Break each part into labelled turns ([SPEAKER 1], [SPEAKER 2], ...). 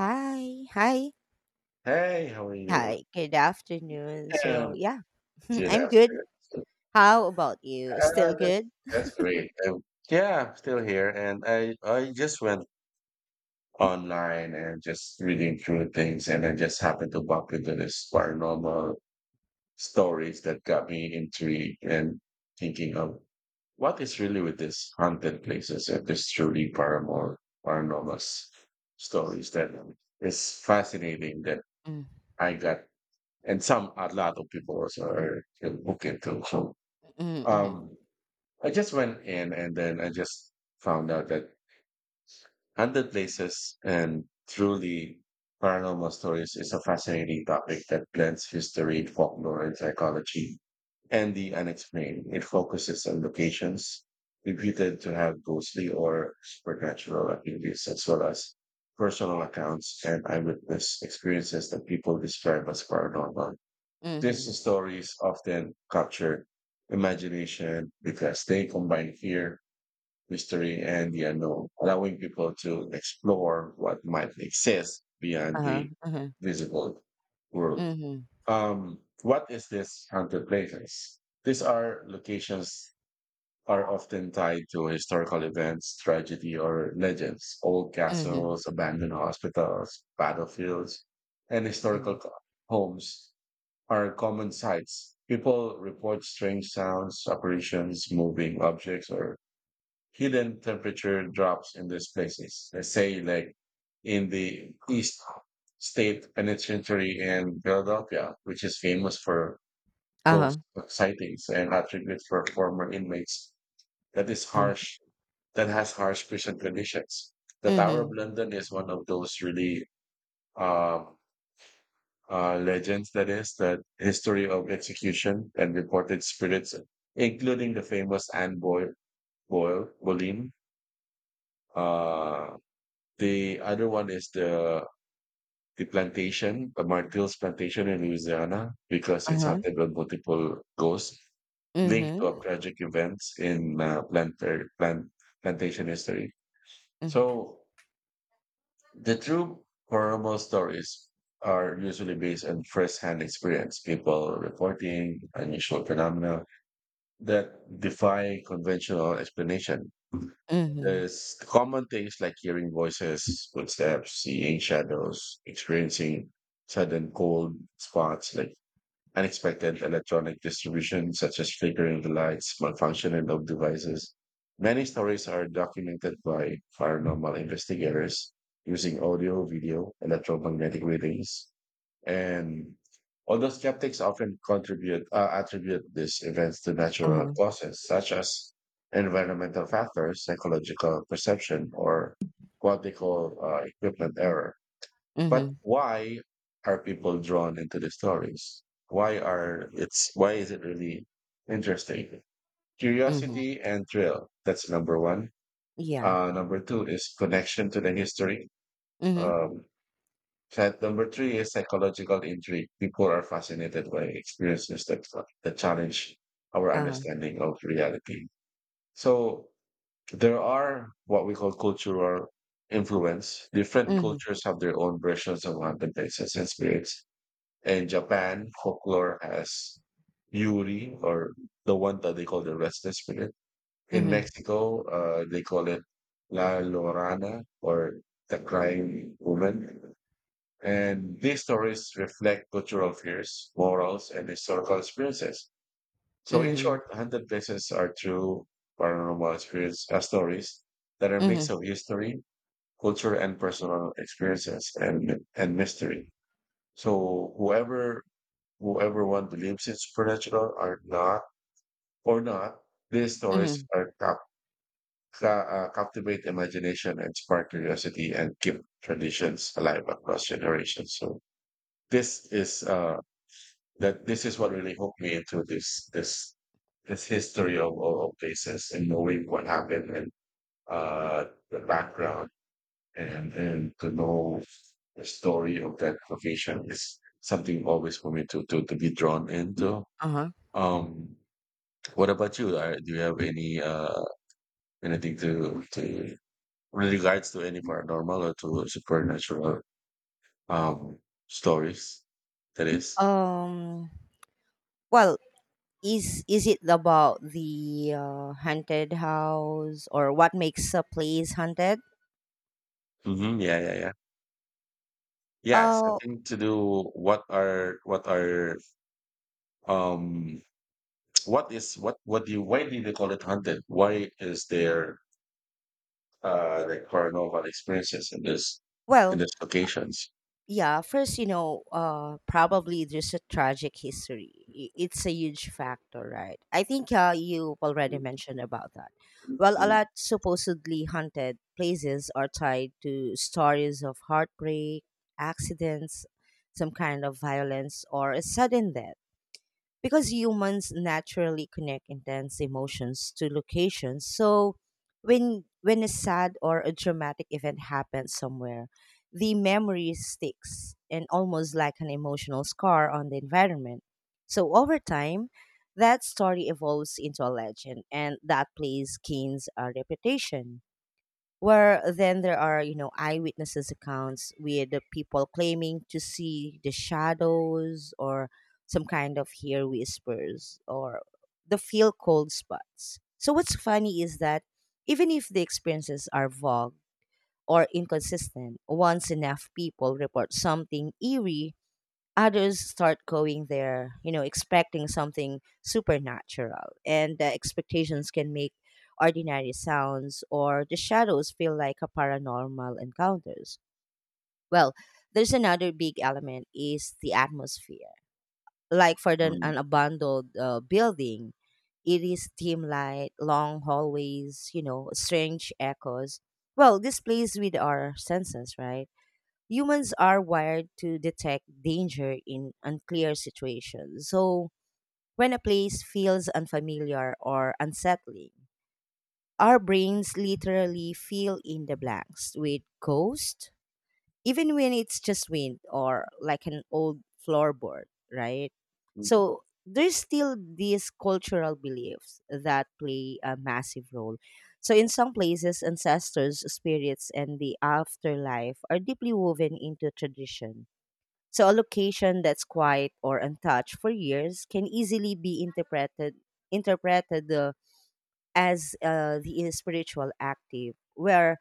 [SPEAKER 1] Hi, hi,
[SPEAKER 2] Hey, how are you?
[SPEAKER 1] hi. Good afternoon. So,
[SPEAKER 2] Um,
[SPEAKER 1] yeah,
[SPEAKER 2] Good
[SPEAKER 1] I'm good.
[SPEAKER 2] afternoon. So,
[SPEAKER 1] How about you? Still
[SPEAKER 2] Uh, that's
[SPEAKER 1] good?
[SPEAKER 2] that's great. Yeah, I'm still here, and I just went online and just reading through things, and I just happened to bump into this paranormal stories that got me intrigued and thinking of what is really with these haunted places and this truly paranormal s- stories that is fascinating that
[SPEAKER 1] Mm,
[SPEAKER 2] I got, and some a lot of people also are hooked into.
[SPEAKER 1] mm, mm,
[SPEAKER 2] Um, I just went in and then I just found out that haunted Places and Truly Paranormal Stories is a fascinating topic that blends history, folklore, and psychology and the unexplained. It focuses on locations reputed to have ghostly or supernatural activities, as well as personal accounts and eyewitness experiences that people describe as paranormal.
[SPEAKER 1] mhm,
[SPEAKER 2] These stories often capture imagination because they combine fear, mystery, and the unknown, allowing people to explore what might exist beyond
[SPEAKER 1] uh-huh,
[SPEAKER 2] the
[SPEAKER 1] uh-huh,
[SPEAKER 2] visible world.
[SPEAKER 1] mhm,
[SPEAKER 2] What is this haunted places? These are locations are often tied to historical events, tragedy, or legends. Old
[SPEAKER 1] mhm,
[SPEAKER 2] castles, abandoned hospitals, battlefields, and
[SPEAKER 1] mhm,
[SPEAKER 2] homes are common sights. People report strange sounds, apparitions, moving objects, or hidden temperature drops in these places. They say, like in the East State Penitentiary in Philadelphia, which is famous for
[SPEAKER 1] uh-huh,
[SPEAKER 2] ghost sightings and attributes for former inmates. That is
[SPEAKER 1] uh,
[SPEAKER 2] harsh. That has harsh prison conditions. The Tower of
[SPEAKER 1] mhm,
[SPEAKER 2] London is one of those really um, legends, that is, the history of execution and reported spirits, including the famous Anne Boyle, Boyle Boleyn. Uh, the other one is the plantation, the Martill's plantation in Louisiana, because it's
[SPEAKER 1] uh-huh,
[SPEAKER 2] haunted by multiple ghosts linked
[SPEAKER 1] mhm,
[SPEAKER 2] to tragic events in plantation history.
[SPEAKER 1] mhm,
[SPEAKER 2] So the true paranormal stories are usually based on first-hand experience, people reporting unusual phenomena that defy conventional explanation.
[SPEAKER 1] mhm,
[SPEAKER 2] There's common things like hearing voices, footsteps, seeing shadows, experiencing sudden cold spots like unexpected electronic distribution, such as flickering the lights, malfunction in of devices. Many stories are documented by paranormal investigators using audio, video, electromagnetic readings, and although skeptics often contribute attribute these events to natural
[SPEAKER 1] uh-huh,
[SPEAKER 2] causes such as environmental factors, psychological perception, or what they call equipment error. But
[SPEAKER 1] mhm,
[SPEAKER 2] why are people drawn into the stories? Why are it's why is it really interesting?
[SPEAKER 1] mhm,
[SPEAKER 2] Curiosity and thrill. That's number one.
[SPEAKER 1] yeah,
[SPEAKER 2] Number two is connection to the history.
[SPEAKER 1] mhm,
[SPEAKER 2] Um, that number three is psychological intrigue. People are fascinated by experiences that challenge our
[SPEAKER 1] uh-huh,
[SPEAKER 2] understanding of reality. So there are what we call cultural influence. Different
[SPEAKER 1] mhm,
[SPEAKER 2] cultures have their own versions of haunted places and spirits in Japan, folklore has Yuri, or the one that they call the restless spirit. In
[SPEAKER 1] mhm,
[SPEAKER 2] Mexico, they call it La Llorana, or the crying woman. And these stories reflect cultural fears, morals, and historical experiences. So, in
[SPEAKER 1] mhm,
[SPEAKER 2] short, 100 Places are true paranormal experience stories that are a
[SPEAKER 1] mhm,
[SPEAKER 2] mix of history, culture, and personal experiences and mystery. So, whoever who everyone believes in supernatural or not, these stories
[SPEAKER 1] mhm,
[SPEAKER 2] are captivate imagination and spark curiosity and keep traditions alive across generations. So this is that this is what really hooked me into this history of, of places and knowing what happened and uh, the background and to know the story of that location is something always for me to to be drawn into.
[SPEAKER 1] uh-huh.
[SPEAKER 2] Um, What about you? Are, do you have any anything to with regards to any paranormal or to supernatural um stories? That is,
[SPEAKER 1] Um, well, is it about the haunted house or what makes a place haunted?
[SPEAKER 2] mm-hmm. Yeah, yeah, yeah. Yeah,
[SPEAKER 1] Uh,
[SPEAKER 2] something to do. What are um what is what do you why do they call it haunted? Why is there like paranormal experiences in this in
[SPEAKER 1] well,
[SPEAKER 2] these locations?
[SPEAKER 1] yeah. First, probably there's a tragic history. It's a huge factor, right? I think you already
[SPEAKER 2] Mm,
[SPEAKER 1] mentioned about that. Well, a
[SPEAKER 2] mm,
[SPEAKER 1] lot supposedly haunted places are tied to stories of heartbreak, accidents, some kind of violence, or a sudden death because humans naturally connect intense emotions to locations. So when a sad or a dramatic event happens somewhere, the memory sticks and almost like an emotional scar on the environment. So over time, that story evolves into a legend and that place gains a reputation, where then there are eyewitnesses accounts with the people claiming to see the shadows, or some kind of hear whispers, or the feel cold spots. So what's funny is that even if the experiences are vague or inconsistent, once enough people report something eerie, others start going there, expecting something supernatural. And the expectations can make ordinary sounds or the shadows feel like a paranormal encounters. Well, there's another big element is the atmosphere. Like for the,
[SPEAKER 2] mm,
[SPEAKER 1] an abandoned building, it is dim light, long hallways, strange echoes. Well, this plays with our senses, right? Humans are wired to detect danger in unclear situations. So, when a place feels unfamiliar or unsettling, our brains literally fill in the blanks with ghost, even when it's just wind or like an old floorboard, right?
[SPEAKER 2] mm.
[SPEAKER 1] So, there's still these cultural beliefs that play a massive role. So, in some places, ancestors, spirits, and the afterlife are deeply woven into tradition, so a location that's quiet or untouched for years can easily be interpreted as the spiritual active. Where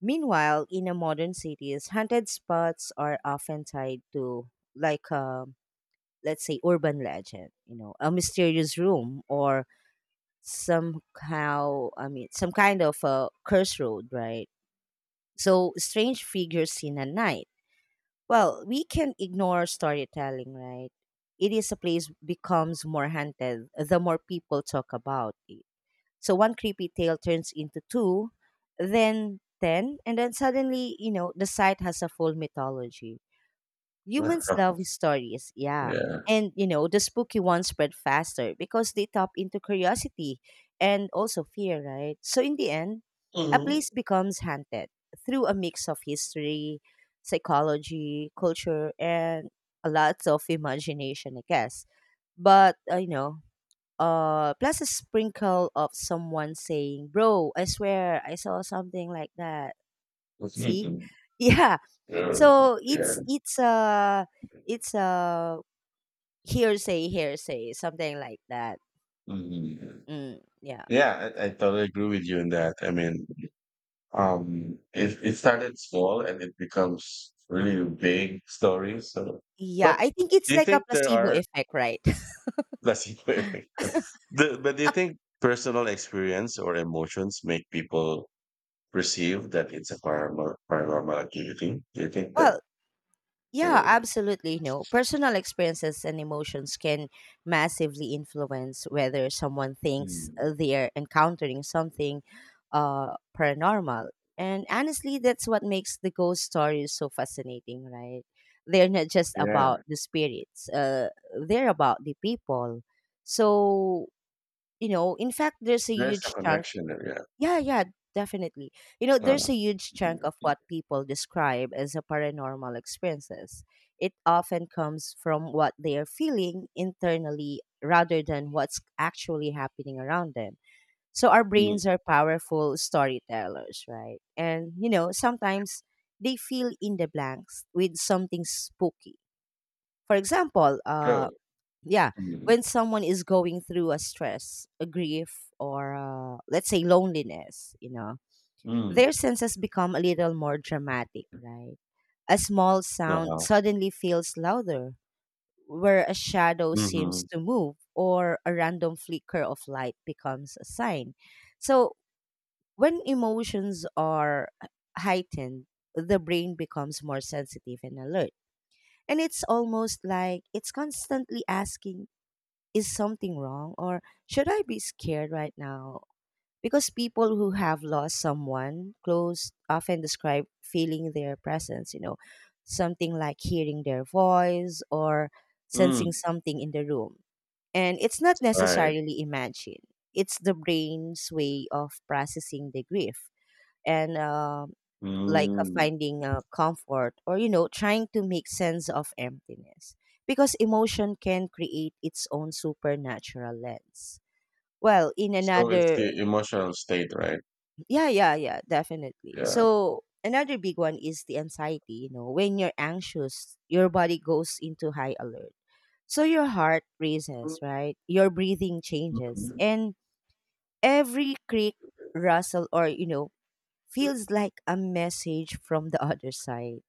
[SPEAKER 1] meanwhile in a modern cities, haunted spots are often tied to like let's say urban legend, a mysterious room or somehow I mean some kind of a curse road, right? So strange figures seen at night. Well, we can ignore storytelling, right? It is a place becomes more haunted the more people talk about it. So one creepy tale turns into two, then ten, and then suddenly, the site has a full mythology. Humans love stories, yeah.
[SPEAKER 2] Yeah.
[SPEAKER 1] And the spooky ones spread faster because they tap into curiosity and also fear, right? So in the end, a
[SPEAKER 2] Mhm.
[SPEAKER 1] place becomes haunted through a mix of history, psychology, culture, and a lot of imagination, I guess. But plus a sprinkle of someone saying, "Bro, I swear I saw something like that." See,
[SPEAKER 2] Mhm.
[SPEAKER 1] yeah,
[SPEAKER 2] Yeah.
[SPEAKER 1] so
[SPEAKER 2] Yeah.
[SPEAKER 1] it's a hearsay something like that.
[SPEAKER 2] Mhm.
[SPEAKER 1] Mm, yeah.
[SPEAKER 2] Yeah, I totally agree with you in that. I mean, it, it started small and it becomes really big stories. So,
[SPEAKER 1] Yeah,
[SPEAKER 2] but
[SPEAKER 1] I think it's
[SPEAKER 2] do you
[SPEAKER 1] like a
[SPEAKER 2] think there
[SPEAKER 1] placebo
[SPEAKER 2] are
[SPEAKER 1] effect, right?
[SPEAKER 2] placebo effect? The, but do you think personal experience or emotions make people perceive that it's a paranormal activity? Do you think that?
[SPEAKER 1] Well, yeah,
[SPEAKER 2] Uh,
[SPEAKER 1] absolutely. No, personal experiences and emotions can massively influence whether someone thinks
[SPEAKER 2] Mm.
[SPEAKER 1] they're encountering something paranormal. And honestly, that's what makes the ghost stories so fascinating, right? They're not just about
[SPEAKER 2] Yeah,
[SPEAKER 1] the spirits, they're about the people. So, in fact, there's a
[SPEAKER 2] there's a
[SPEAKER 1] huge chunk,
[SPEAKER 2] connection there.
[SPEAKER 1] yeah, yeah, definitely. You know,
[SPEAKER 2] Yeah.
[SPEAKER 1] there's a huge chunk of what people describe as a paranormal experiences. It often comes from what they are feeling internally rather than what's actually happening around them. So our
[SPEAKER 2] Mm,
[SPEAKER 1] brains are powerful storytellers, right? And sometimes they fill in the blanks with something spooky. For example,
[SPEAKER 2] true.
[SPEAKER 1] yeah,
[SPEAKER 2] Mm.
[SPEAKER 1] when someone is going through a stress, a grief, or let's say loneliness,
[SPEAKER 2] Mm.
[SPEAKER 1] their senses become a little more dramatic, right? A small sound
[SPEAKER 2] Uh-huh.
[SPEAKER 1] suddenly feels louder, where a shadow seems
[SPEAKER 2] Mhm.
[SPEAKER 1] to move, or a random flicker of light becomes a sign. So, when emotions are heightened, the brain becomes more sensitive and alert. And it's almost like it's constantly asking, "Is something wrong? Or should I be scared right now?" Because people who have lost someone close often describe feeling their presence, something like hearing their voice or sensing
[SPEAKER 2] Mm,
[SPEAKER 1] something in the room. And it's not
[SPEAKER 2] right.
[SPEAKER 1] necessarily imagined. It's the brain's way of processing the grief. And like
[SPEAKER 2] Mm.
[SPEAKER 1] finding comfort or, trying to make sense of emptiness. Because emotion can create its own supernatural lens. Well, in
[SPEAKER 2] So it's
[SPEAKER 1] another,
[SPEAKER 2] the emotional state, right?
[SPEAKER 1] yeah, yeah, yeah, definitely.
[SPEAKER 2] Yeah.
[SPEAKER 1] So another big one is the anxiety. You know, when you're anxious, your body goes into high alert. So your heart races, right? Your breathing changes,
[SPEAKER 2] Mhm.
[SPEAKER 1] and every creak, rustle, or feels like a message from the other side.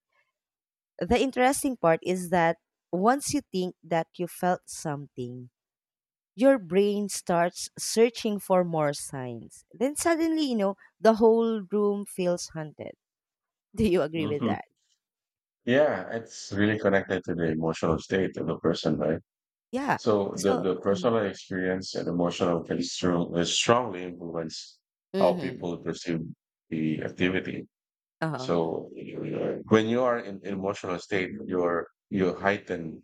[SPEAKER 1] The interesting part is that once you think that you felt something, your brain starts searching for more signs. Then suddenly, the whole room feels haunted. Do you agree with
[SPEAKER 2] Mhm.
[SPEAKER 1] that?
[SPEAKER 2] Yeah, it's really connected to the emotional state of the person, right?
[SPEAKER 1] Yeah.
[SPEAKER 2] So
[SPEAKER 1] So,
[SPEAKER 2] the
[SPEAKER 1] mm,
[SPEAKER 2] personal experience and emotional can strongly influence how
[SPEAKER 1] mhm.
[SPEAKER 2] people perceive the activity.
[SPEAKER 1] Uh-huh.
[SPEAKER 2] So when you are in emotional state, you heighten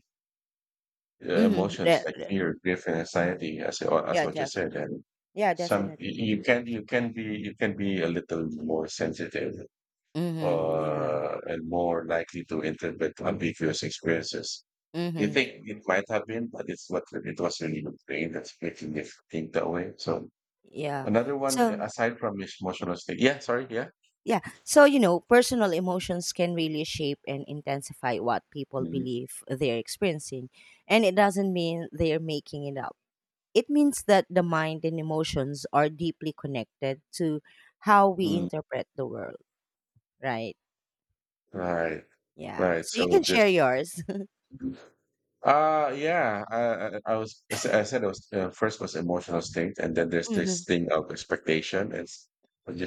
[SPEAKER 1] Mhm.
[SPEAKER 2] emotions
[SPEAKER 1] Yeah,
[SPEAKER 2] like
[SPEAKER 1] yeah,
[SPEAKER 2] fear, grief, and anxiety, as as
[SPEAKER 1] yeah,
[SPEAKER 2] what you said,
[SPEAKER 1] definitely.
[SPEAKER 2] and
[SPEAKER 1] Yeah,
[SPEAKER 2] some
[SPEAKER 1] definitely.
[SPEAKER 2] you can you can be a little more sensitive,
[SPEAKER 1] Mhm. Yeah.
[SPEAKER 2] and more likely to interpret ambiguous experiences. You
[SPEAKER 1] Mhm.
[SPEAKER 2] think it might have been, but it's what it was really the brain that's making you think that way. So
[SPEAKER 1] Yeah.
[SPEAKER 2] another one
[SPEAKER 1] So,
[SPEAKER 2] aside from this emotional state. Yeah, sorry, yeah.
[SPEAKER 1] yeah. So, personal emotions can really shape and intensify what people
[SPEAKER 2] Mhm.
[SPEAKER 1] believe they're experiencing, and it doesn't mean they're making it up. It means that the mind and emotions are deeply connected to how we
[SPEAKER 2] Mm,
[SPEAKER 1] interpret the world, right?
[SPEAKER 2] right,
[SPEAKER 1] Yeah.
[SPEAKER 2] right.
[SPEAKER 1] So you
[SPEAKER 2] So
[SPEAKER 1] can share
[SPEAKER 2] this.
[SPEAKER 1] yours.
[SPEAKER 2] Uh yeah, I, I was I said it was first was emotional state, and then there's this
[SPEAKER 1] Mhm.
[SPEAKER 2] thing of expectation and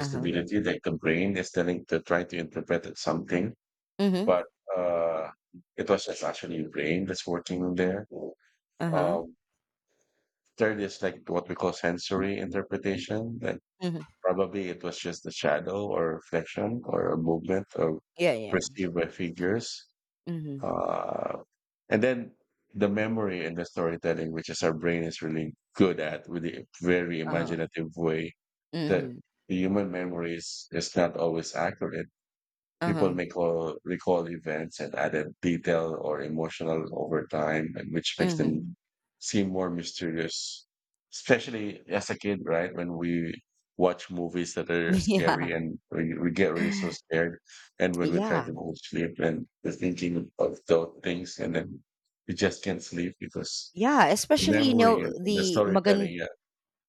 [SPEAKER 1] Uh-huh.
[SPEAKER 2] that the brain is telling to try to interpret it something,
[SPEAKER 1] Mhm.
[SPEAKER 2] but uh, it was just actually your brain that's working there.
[SPEAKER 1] Uh-huh.
[SPEAKER 2] Um, third is like what we call sensory interpretation. Like
[SPEAKER 1] Mhm.
[SPEAKER 2] probably it was just a shadow or reflection or a movement or
[SPEAKER 1] Yeah, yeah.
[SPEAKER 2] perceived by figures,
[SPEAKER 1] Mhm.
[SPEAKER 2] uh, and then the memory and the storytelling, which is our brain is really good at with a very
[SPEAKER 1] Uh,
[SPEAKER 2] imaginative way that
[SPEAKER 1] mhm.
[SPEAKER 2] the human memory is not always accurate. People
[SPEAKER 1] Uh-huh.
[SPEAKER 2] may call, recall events and added detail or emotional over time, and which makes
[SPEAKER 1] Mhm.
[SPEAKER 2] them seem more mysterious. Especially as a kid, right? When we watch movies that are scary
[SPEAKER 1] Yeah.
[SPEAKER 2] and we get really so scared. And when we try
[SPEAKER 1] Yeah.
[SPEAKER 2] to go to sleep and we're thinking of those things and then we just can't sleep because
[SPEAKER 1] Yeah,
[SPEAKER 2] the
[SPEAKER 1] especially,
[SPEAKER 2] memory and the
[SPEAKER 1] the
[SPEAKER 2] storytelling.
[SPEAKER 1] magand
[SPEAKER 2] Yeah.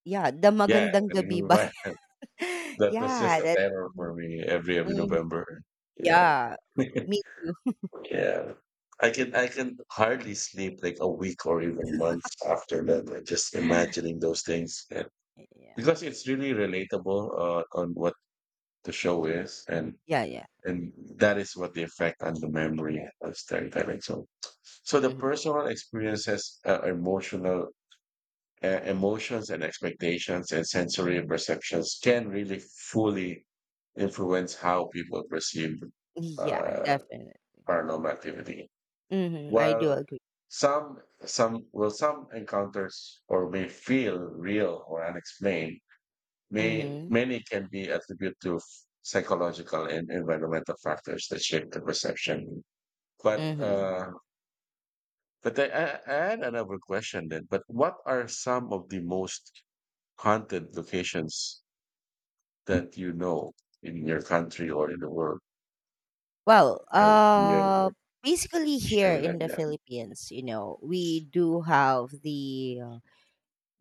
[SPEAKER 1] yeah, the
[SPEAKER 2] Yeah.
[SPEAKER 1] Magandang
[SPEAKER 2] And
[SPEAKER 1] Gabi by
[SPEAKER 2] that was just
[SPEAKER 1] yeah,
[SPEAKER 2] a
[SPEAKER 1] that.
[SPEAKER 2] terror for me every
[SPEAKER 1] Mhm.
[SPEAKER 2] November. Yeah.
[SPEAKER 1] Yeah, me too.
[SPEAKER 2] Yeah. I can hardly sleep like a week or even months after that. Like just imagining those things. Yeah. Because
[SPEAKER 1] Yeah.
[SPEAKER 2] it's really relatable on what the show is
[SPEAKER 1] Yeah, yeah.
[SPEAKER 2] and that is what the effect on the memory of storytelling. So so the
[SPEAKER 1] Mhm.
[SPEAKER 2] personal experiences, emotional emotions and expectations and sensory perceptions can really fully influence how people perceive
[SPEAKER 1] Yeah,
[SPEAKER 2] uh,
[SPEAKER 1] definitely.
[SPEAKER 2] paranormal activity.
[SPEAKER 1] Mhm, I do
[SPEAKER 2] While
[SPEAKER 1] agree.
[SPEAKER 2] some some encounters or may feel real or unexplained, may
[SPEAKER 1] Mhm.
[SPEAKER 2] many can be attributed to psychological and environmental factors that shape the perception. But
[SPEAKER 1] Mhm.
[SPEAKER 2] uh, but I had another question then. But what are some of the most haunted locations that you know in your country or in the world?
[SPEAKER 1] Well,
[SPEAKER 2] Yeah, yeah,
[SPEAKER 1] basically
[SPEAKER 2] share
[SPEAKER 1] here
[SPEAKER 2] with that.
[SPEAKER 1] in the
[SPEAKER 2] Yeah.
[SPEAKER 1] Philippines, we do have the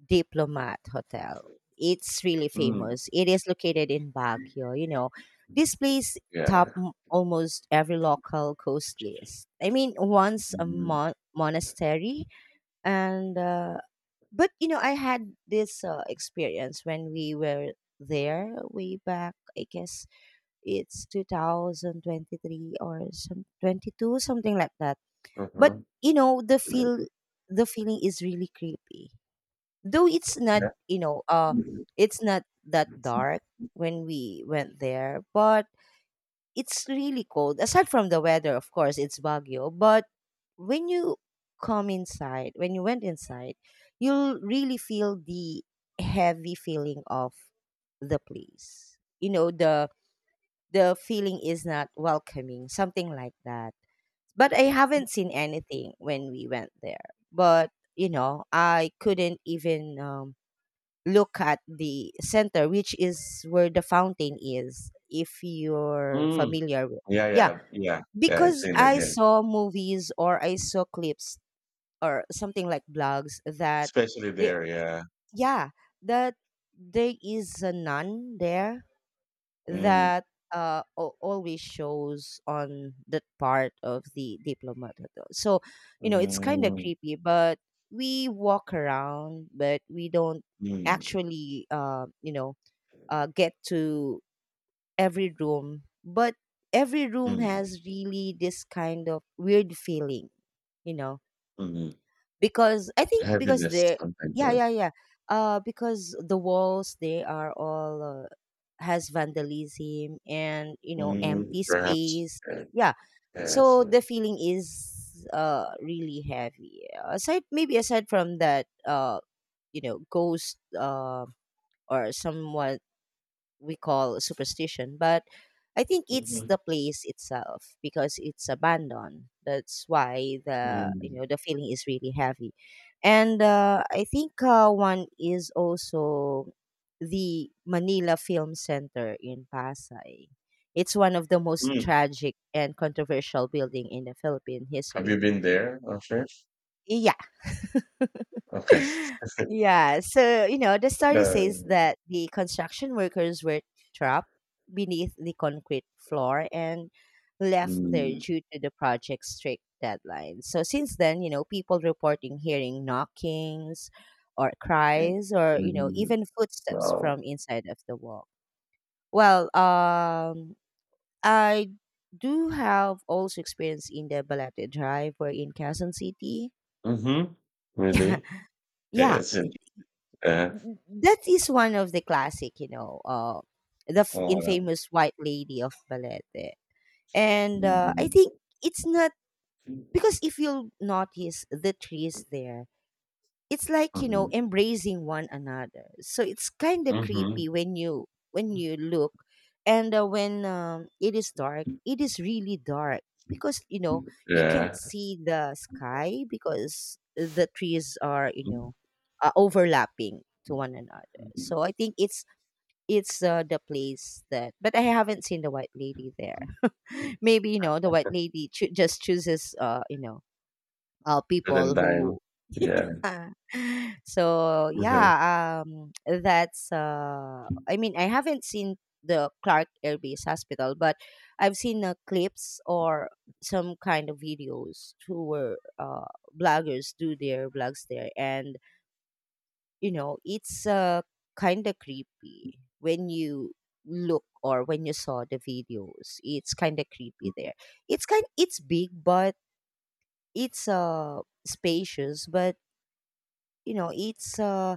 [SPEAKER 1] Diplomat Hotel. It's really
[SPEAKER 2] Mm.
[SPEAKER 1] famous. It is located in Baguio. You know, this place top
[SPEAKER 2] Yeah.
[SPEAKER 1] almost every local coast list. I mean, once a
[SPEAKER 2] Mhm.
[SPEAKER 1] monastery, and but I had this experience when we were there way back. I guess it's 2023 or some 22, something like that. But
[SPEAKER 2] Uh-huh.
[SPEAKER 1] you know, the feel the feeling is really creepy, though it's not,
[SPEAKER 2] Mm.
[SPEAKER 1] it's not that dark when we went there. But it's really cold, aside from the weather, of course. It's Baguio. But when you went inside, you'll really feel the heavy feeling of the place. You know, the feeling is not welcoming, something like that. But I haven't seen anything when we went there. But I couldn't even look at the center, which is where the fountain is, if you're familiar with.
[SPEAKER 2] Yeah,
[SPEAKER 1] Yeah,
[SPEAKER 2] yeah, yeah, yeah. I've
[SPEAKER 1] because
[SPEAKER 2] seen that.
[SPEAKER 1] I
[SPEAKER 2] Yeah,
[SPEAKER 1] saw movies, or I saw clips or something like blogs that
[SPEAKER 2] especially
[SPEAKER 1] they,
[SPEAKER 2] there. Yeah.
[SPEAKER 1] yeah, that there is a nun there
[SPEAKER 2] Mm,
[SPEAKER 1] that always shows on that part of the Diplomat Hotel. So, it's kind of
[SPEAKER 2] mm,
[SPEAKER 1] creepy. But we walk around, but we don't
[SPEAKER 2] mm,
[SPEAKER 1] actually, get to every room. But every room
[SPEAKER 2] mm,
[SPEAKER 1] has really this kind of weird feeling, you know,
[SPEAKER 2] mm.
[SPEAKER 1] because I think because
[SPEAKER 2] Heaviness, something like
[SPEAKER 1] yeah,
[SPEAKER 2] that.
[SPEAKER 1] yeah, yeah. Because the walls, they are all, has vandalism and,
[SPEAKER 2] Mm,
[SPEAKER 1] empty
[SPEAKER 2] perhaps.
[SPEAKER 1] space.
[SPEAKER 2] Yeah,
[SPEAKER 1] Yeah.
[SPEAKER 2] yes.
[SPEAKER 1] So the feeling is really heavy. Aside from that, ghost, or someone we call superstition, but I think it's
[SPEAKER 2] Mhm,
[SPEAKER 1] the place itself because it's abandoned. That's why, the
[SPEAKER 2] mm,
[SPEAKER 1] the feeling is really heavy. And I think one is also the Manila Film Center in Pasay. It's one of the most
[SPEAKER 2] mm.
[SPEAKER 1] tragic and controversial building in the Philippine
[SPEAKER 2] Have
[SPEAKER 1] history.
[SPEAKER 2] you been there, Asher?
[SPEAKER 1] Yeah.
[SPEAKER 2] Okay.
[SPEAKER 1] Yeah, so the story says
[SPEAKER 2] Uh,
[SPEAKER 1] that the construction workers were trapped beneath the concrete floor and left there
[SPEAKER 2] mm,
[SPEAKER 1] due to the project's strict deadline. So since then, people reporting hearing knockings or cries or,
[SPEAKER 2] mm,
[SPEAKER 1] even footsteps
[SPEAKER 2] wow.
[SPEAKER 1] from inside of the wall. Well, I do have also experience in the Balete Drive or in Quezon City.
[SPEAKER 2] Mm-hmm.
[SPEAKER 1] Yeah.
[SPEAKER 2] Really?
[SPEAKER 1] Yeah.
[SPEAKER 2] Yes. Uh,
[SPEAKER 1] That is one of the classic, the
[SPEAKER 2] uh,
[SPEAKER 1] infamous White Lady of Balete. And I
[SPEAKER 2] mm,
[SPEAKER 1] think it's not because if you'll notice the trees there, it's like
[SPEAKER 2] mm,
[SPEAKER 1] embracing one another, so it's kind of
[SPEAKER 2] mm-hmm.
[SPEAKER 1] creepy when you look. And when it is really dark. Because you
[SPEAKER 2] Yeah.
[SPEAKER 1] can't see the sky because the trees are,
[SPEAKER 2] Mm-hmm.
[SPEAKER 1] overlapping to one another.
[SPEAKER 2] Mhm.
[SPEAKER 1] So I think it's the place. That, but I haven't seen the White Lady there. Maybe the White Lady just chooses,
[SPEAKER 2] Certain
[SPEAKER 1] people
[SPEAKER 2] time.
[SPEAKER 1] who.
[SPEAKER 2] Yeah.
[SPEAKER 1] So
[SPEAKER 2] Mhm.
[SPEAKER 1] yeah, that's. I mean, I haven't seen the Clark Air Base Hospital, but I've seen clips or some kind of videos who were bloggers do their blogs there, and it's kind of creepy when you look or when you saw the videos. It's kind of creepy there. It's kind. It's big, but it's spacious, but you know, it's uh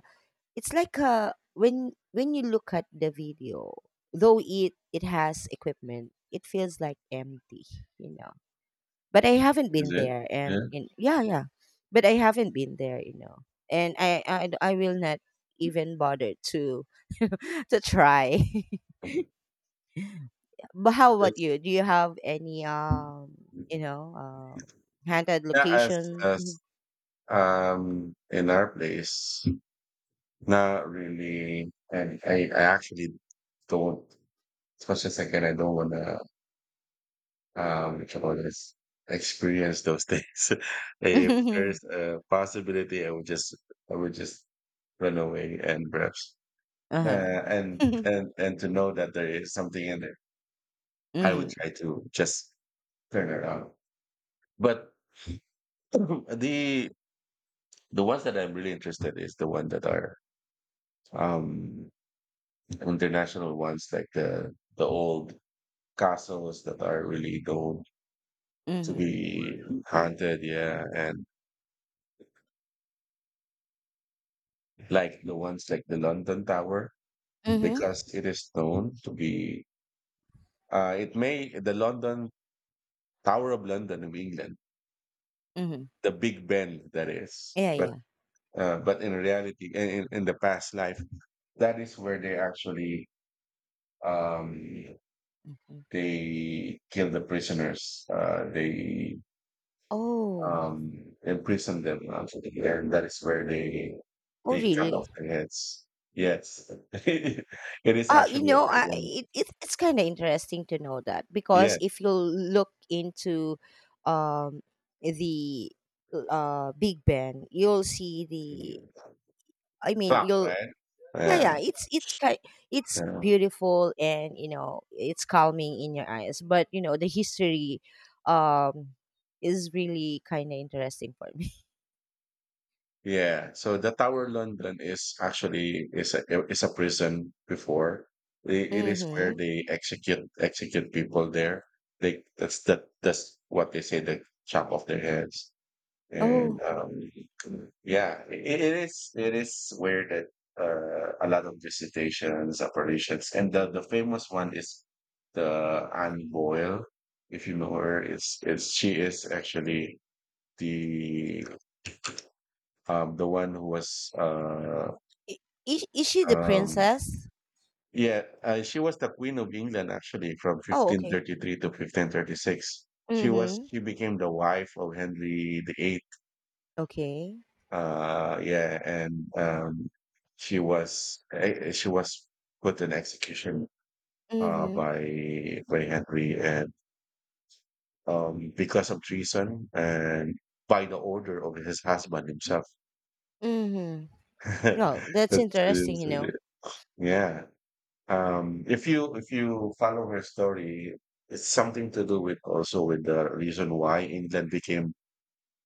[SPEAKER 1] it's like a when you look at the video, though it has equipment, it feels like empty, you know. But I haven't
[SPEAKER 2] Is
[SPEAKER 1] been
[SPEAKER 2] it?
[SPEAKER 1] there,
[SPEAKER 2] Yeah.
[SPEAKER 1] and in yeah, yeah, but I haven't been there, and I will not even bother to to try.
[SPEAKER 2] Okay.
[SPEAKER 1] But how about
[SPEAKER 2] It's
[SPEAKER 1] you? Do you have any you know um handed
[SPEAKER 2] yeah,
[SPEAKER 1] location?
[SPEAKER 2] as in our place, not really. And I actually don't as especially second I can, I don't wanna what you call this experience those things. If there's
[SPEAKER 1] Mhm.
[SPEAKER 2] a possibility I would just run away and perhaps uh,
[SPEAKER 1] Uh
[SPEAKER 2] and
[SPEAKER 1] huh.
[SPEAKER 2] and to know that there is something in there, I would
[SPEAKER 1] Mhm.
[SPEAKER 2] try to just turn around. But the the ones that I'm really interested is the one that are um international ones like the old castles that are really known to
[SPEAKER 1] Mhm.
[SPEAKER 2] be haunted, yeah, and like the ones like the London Tower
[SPEAKER 1] Mhm.
[SPEAKER 2] because it is known to be it may the London Tower of London of England,
[SPEAKER 1] Mhm.
[SPEAKER 2] the Big Ben that is.
[SPEAKER 1] Yeah, yeah.
[SPEAKER 2] But in reality in the past life that is where they actually um
[SPEAKER 1] Mm-hmm.
[SPEAKER 2] they kill the prisoners. Uh, they
[SPEAKER 1] Oh,
[SPEAKER 2] um, imprison them, actually, and that is where
[SPEAKER 1] oh
[SPEAKER 2] they cut off
[SPEAKER 1] really?
[SPEAKER 2] their heads. Yes, it is
[SPEAKER 1] You
[SPEAKER 2] actually a
[SPEAKER 1] know, I,
[SPEAKER 2] prison.
[SPEAKER 1] it, it, it's kind of interesting to know that because
[SPEAKER 2] Yes,
[SPEAKER 1] if you look into um, the Big Ben, you'll see the. I mean,
[SPEAKER 2] club,
[SPEAKER 1] you'll
[SPEAKER 2] right?
[SPEAKER 1] yeah,
[SPEAKER 2] Yeah,
[SPEAKER 1] yeah. It's kind it's
[SPEAKER 2] yeah,
[SPEAKER 1] beautiful and you know it's calming in your eyes. But you know the history um, is really kind of interesting for me.
[SPEAKER 2] yeah. So the Tower London is actually is a prison before. It is where
[SPEAKER 1] Mm-hmm.
[SPEAKER 2] they execute people there. They that's that that's what they say. They chop off their heads. And
[SPEAKER 1] Oh,
[SPEAKER 2] yeah, I it is weird that a lot of visitations, operations, and the famous one is the Anne Boyle. If you know her, it's she is actually the the one who was
[SPEAKER 1] i- is she the
[SPEAKER 2] um
[SPEAKER 1] princess?
[SPEAKER 2] yeah, she was the Queen of England actually from
[SPEAKER 1] Oh, okay.
[SPEAKER 2] 1533 to 1536. She was
[SPEAKER 1] Mm-hmm.
[SPEAKER 2] she became the wife of Henry the Eighth.
[SPEAKER 1] Okay.
[SPEAKER 2] Yeah, and she was put in execution
[SPEAKER 1] Mhm.
[SPEAKER 2] by Henry, and because of treason and by the order of his husband himself.
[SPEAKER 1] Mhm. Well, that's
[SPEAKER 2] That's
[SPEAKER 1] interesting,
[SPEAKER 2] is
[SPEAKER 1] you
[SPEAKER 2] really-
[SPEAKER 1] know.
[SPEAKER 2] yeah. If you follow her story, it's something to do with also with the reason why England became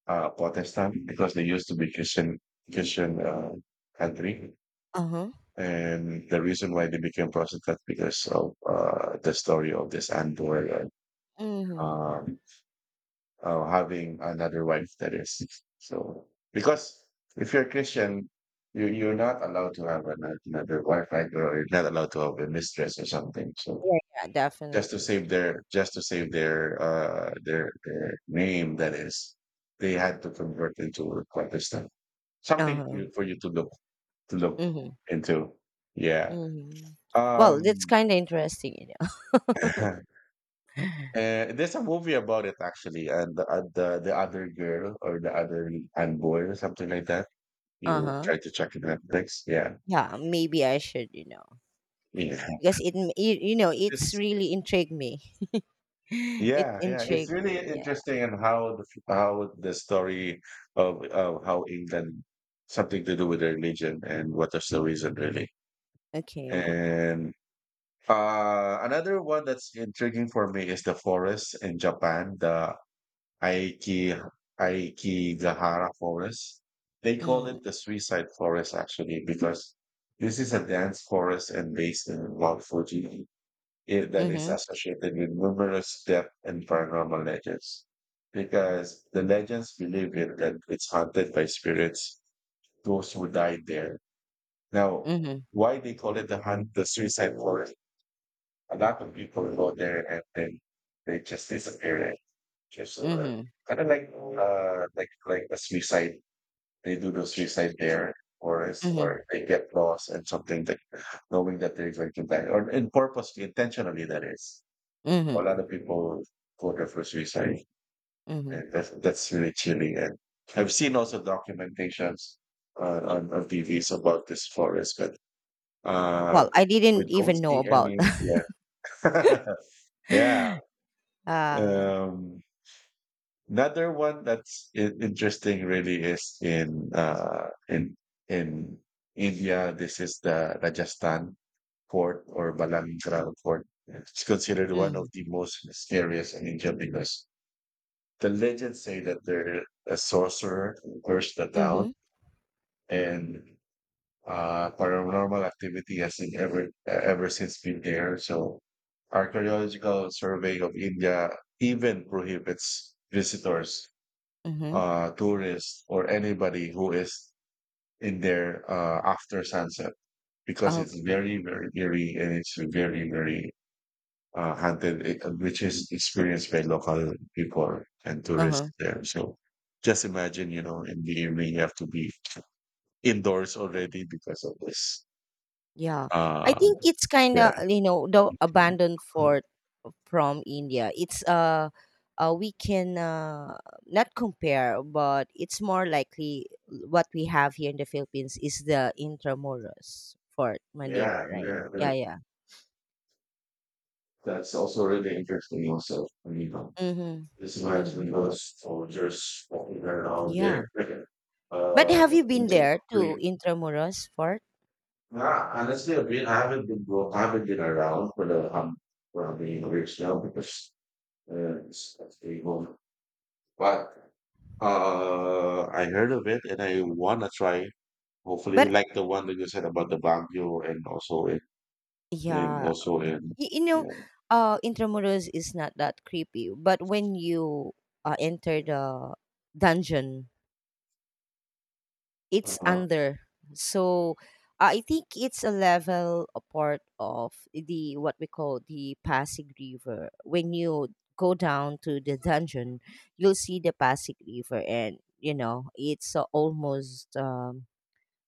[SPEAKER 2] Protestant, because they used to be Christian country.
[SPEAKER 1] Uh-huh.
[SPEAKER 2] And the reason why they became prostitutes because of the story of this Andor and
[SPEAKER 1] Mhm.
[SPEAKER 2] um, having another wife. That is, so, because if you're a Christian, you're not allowed to have another wife, right? Or you're not allowed to have a mistress or something. So
[SPEAKER 1] Yeah, yeah, definitely.
[SPEAKER 2] just to save their name, that is, they had to convert into a Protestant. Something
[SPEAKER 1] Uh-huh.
[SPEAKER 2] for you to look
[SPEAKER 1] Mhm.
[SPEAKER 2] into. Yeah.
[SPEAKER 1] Mhm. Well, that's
[SPEAKER 2] Um,
[SPEAKER 1] kind of interesting, you know.
[SPEAKER 2] Uh-huh. There's a movie about it actually, and the other girl or the other and boy or something like that. You
[SPEAKER 1] Uh-huh.
[SPEAKER 2] try to check it Netflix. Yeah,
[SPEAKER 1] Yeah, maybe I should, you know.
[SPEAKER 2] yeah.
[SPEAKER 1] Because you, you know, it's
[SPEAKER 2] It's,
[SPEAKER 1] really intrigued me. It
[SPEAKER 2] yeah, yeah. It's
[SPEAKER 1] intrigued
[SPEAKER 2] really
[SPEAKER 1] me. Yeah.
[SPEAKER 2] interesting, and how the story of how England, something to do with their religion and what is the reason really.
[SPEAKER 1] Okay.
[SPEAKER 2] And another one that's intriguing for me is the forest in Japan. The Aiki, Aikigahara Forest. They call
[SPEAKER 1] Mm.
[SPEAKER 2] it the suicide forest actually, because this is a dense forest and based in Mount Fuji, that is
[SPEAKER 1] Mhm.
[SPEAKER 2] associated with numerous death and paranormal legends. Because the legends believe it that it's haunted by spirits, those who died there. Now,
[SPEAKER 1] Mhm.
[SPEAKER 2] why they call it the suicide forest? A lot of people go there and then they just disappear. Okay, so
[SPEAKER 1] Mhm.
[SPEAKER 2] kind of like like a suicide. They do the suicide there, or is
[SPEAKER 1] Mhm.
[SPEAKER 2] or they get lost and something that, knowing that they're going to die, or in purposely, intentionally, that is. A lot
[SPEAKER 1] Mhm.
[SPEAKER 2] of people go there for suicide,
[SPEAKER 1] Mhm.
[SPEAKER 2] and that's really chilling. And I've seen also documentations on TVs about this forest, but uh,
[SPEAKER 1] Well, I
[SPEAKER 2] we
[SPEAKER 1] didn't
[SPEAKER 2] don't
[SPEAKER 1] even know
[SPEAKER 2] see
[SPEAKER 1] about
[SPEAKER 2] any.
[SPEAKER 1] that.
[SPEAKER 2] Yeah, yeah.
[SPEAKER 1] uh,
[SPEAKER 2] Um, another one that's interesting really is in in India. This is the Rajasthan fort or Balankara fort. It's considered one of
[SPEAKER 1] mhm.
[SPEAKER 2] the most mysterious in India, because the legends say that there a sorcerer cursed the town,
[SPEAKER 1] Mhm.
[SPEAKER 2] and paranormal activity has in ever since been there. So archaeological survey of India even prohibits visitors,
[SPEAKER 1] Mhm.
[SPEAKER 2] tourists, or anybody who is in there after sunset, because it's
[SPEAKER 1] Okay.
[SPEAKER 2] very, very eerie and it's very, very haunted, which is experienced by local people and
[SPEAKER 1] Uh-huh.
[SPEAKER 2] tourists there. So just imagine, you know, in the evening you have to be indoors already because of this.
[SPEAKER 1] Yeah. I
[SPEAKER 2] Uh,
[SPEAKER 1] think it's kind of,
[SPEAKER 2] yeah.
[SPEAKER 1] you know, the
[SPEAKER 2] Yeah,
[SPEAKER 1] abandoned fort from India. It's we can not compare, but it's more likely what we have here in the Philippines is the Intramuros Fort Manila,
[SPEAKER 2] yeah,
[SPEAKER 1] right?
[SPEAKER 2] yeah.
[SPEAKER 1] Yeah, yeah.
[SPEAKER 2] That's also really interesting also. I mean,
[SPEAKER 1] Mhm.
[SPEAKER 2] this might be
[SPEAKER 1] Mhm.
[SPEAKER 2] most soldiers walking around there.
[SPEAKER 1] Yeah. But
[SPEAKER 2] Uh,
[SPEAKER 1] have you been there to
[SPEAKER 2] really-
[SPEAKER 1] Intramuros Fort?
[SPEAKER 2] nah, honestly, I haven't I haven't been around for the rich now, because it's being home. But I heard of it and I want to try. Hopefully,
[SPEAKER 1] But
[SPEAKER 2] like the one that you said about the Baguio, and also in, in
[SPEAKER 1] yeah,
[SPEAKER 2] also in
[SPEAKER 1] you
[SPEAKER 2] yeah.
[SPEAKER 1] know, Intramuros is not that creepy, but when you enter the dungeon, it's
[SPEAKER 2] Uh-huh.
[SPEAKER 1] under. So I think it's a level a part of the what we call the Pasig River. When you go down to the dungeon, you'll see the Pasig River, and you know it's almost um,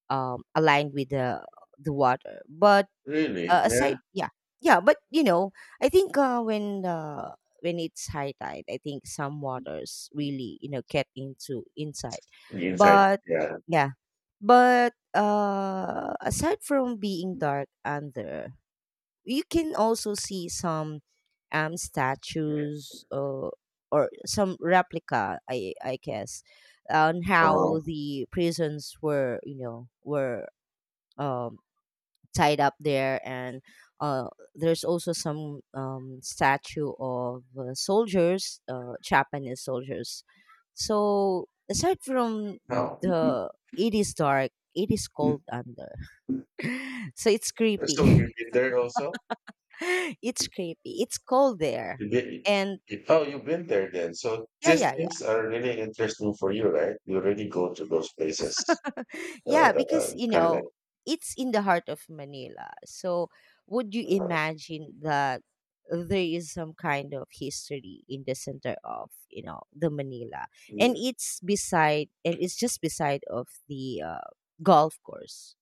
[SPEAKER 1] um, aligned with the water, but
[SPEAKER 2] Really? Yeah.
[SPEAKER 1] aside, yeah, yeah, but you know, I think when it's high tide, I think some waters really you know get into inside,
[SPEAKER 2] The inside.
[SPEAKER 1] but
[SPEAKER 2] Yeah.
[SPEAKER 1] yeah, but aside from being dark under, you can also see some statues or some replica, I guess, on
[SPEAKER 2] Uh,
[SPEAKER 1] how the prisons were you know were. Um, tied up there and uh, there's also some statue of soldiers, japanese soldiers, so aside from
[SPEAKER 2] no.
[SPEAKER 1] the it is dark it is cold under so it's
[SPEAKER 2] So you've
[SPEAKER 1] creepy
[SPEAKER 2] been there also?
[SPEAKER 1] it's creepy it's cold there
[SPEAKER 2] You did,
[SPEAKER 1] and
[SPEAKER 2] oh, you've been there then. So
[SPEAKER 1] yeah,
[SPEAKER 2] these
[SPEAKER 1] yeah.
[SPEAKER 2] things are really interesting for you, right? You really go to those places,
[SPEAKER 1] Yeah,
[SPEAKER 2] that
[SPEAKER 1] because
[SPEAKER 2] are
[SPEAKER 1] you
[SPEAKER 2] kind of
[SPEAKER 1] know,
[SPEAKER 2] like
[SPEAKER 1] it's in the heart of Manila. So would you imagine that there is some kind of history in the center of, you know, the Manila. And it's beside and it's just beside of the golf course.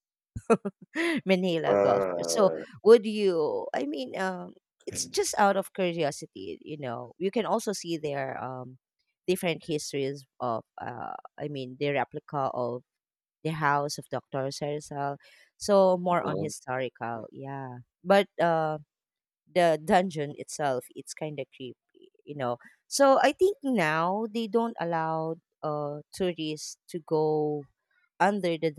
[SPEAKER 1] Manila golf course. So
[SPEAKER 2] uh,
[SPEAKER 1] would you, I mean, it's just out of curiosity, you know. You can also see their different histories of I mean the replica of the House of Dr. Serzal. So more on
[SPEAKER 2] uh,
[SPEAKER 1] historical, yeah. But the dungeon itself, it's kind of creepy, you know. So I think now they don't allow tourists to go under the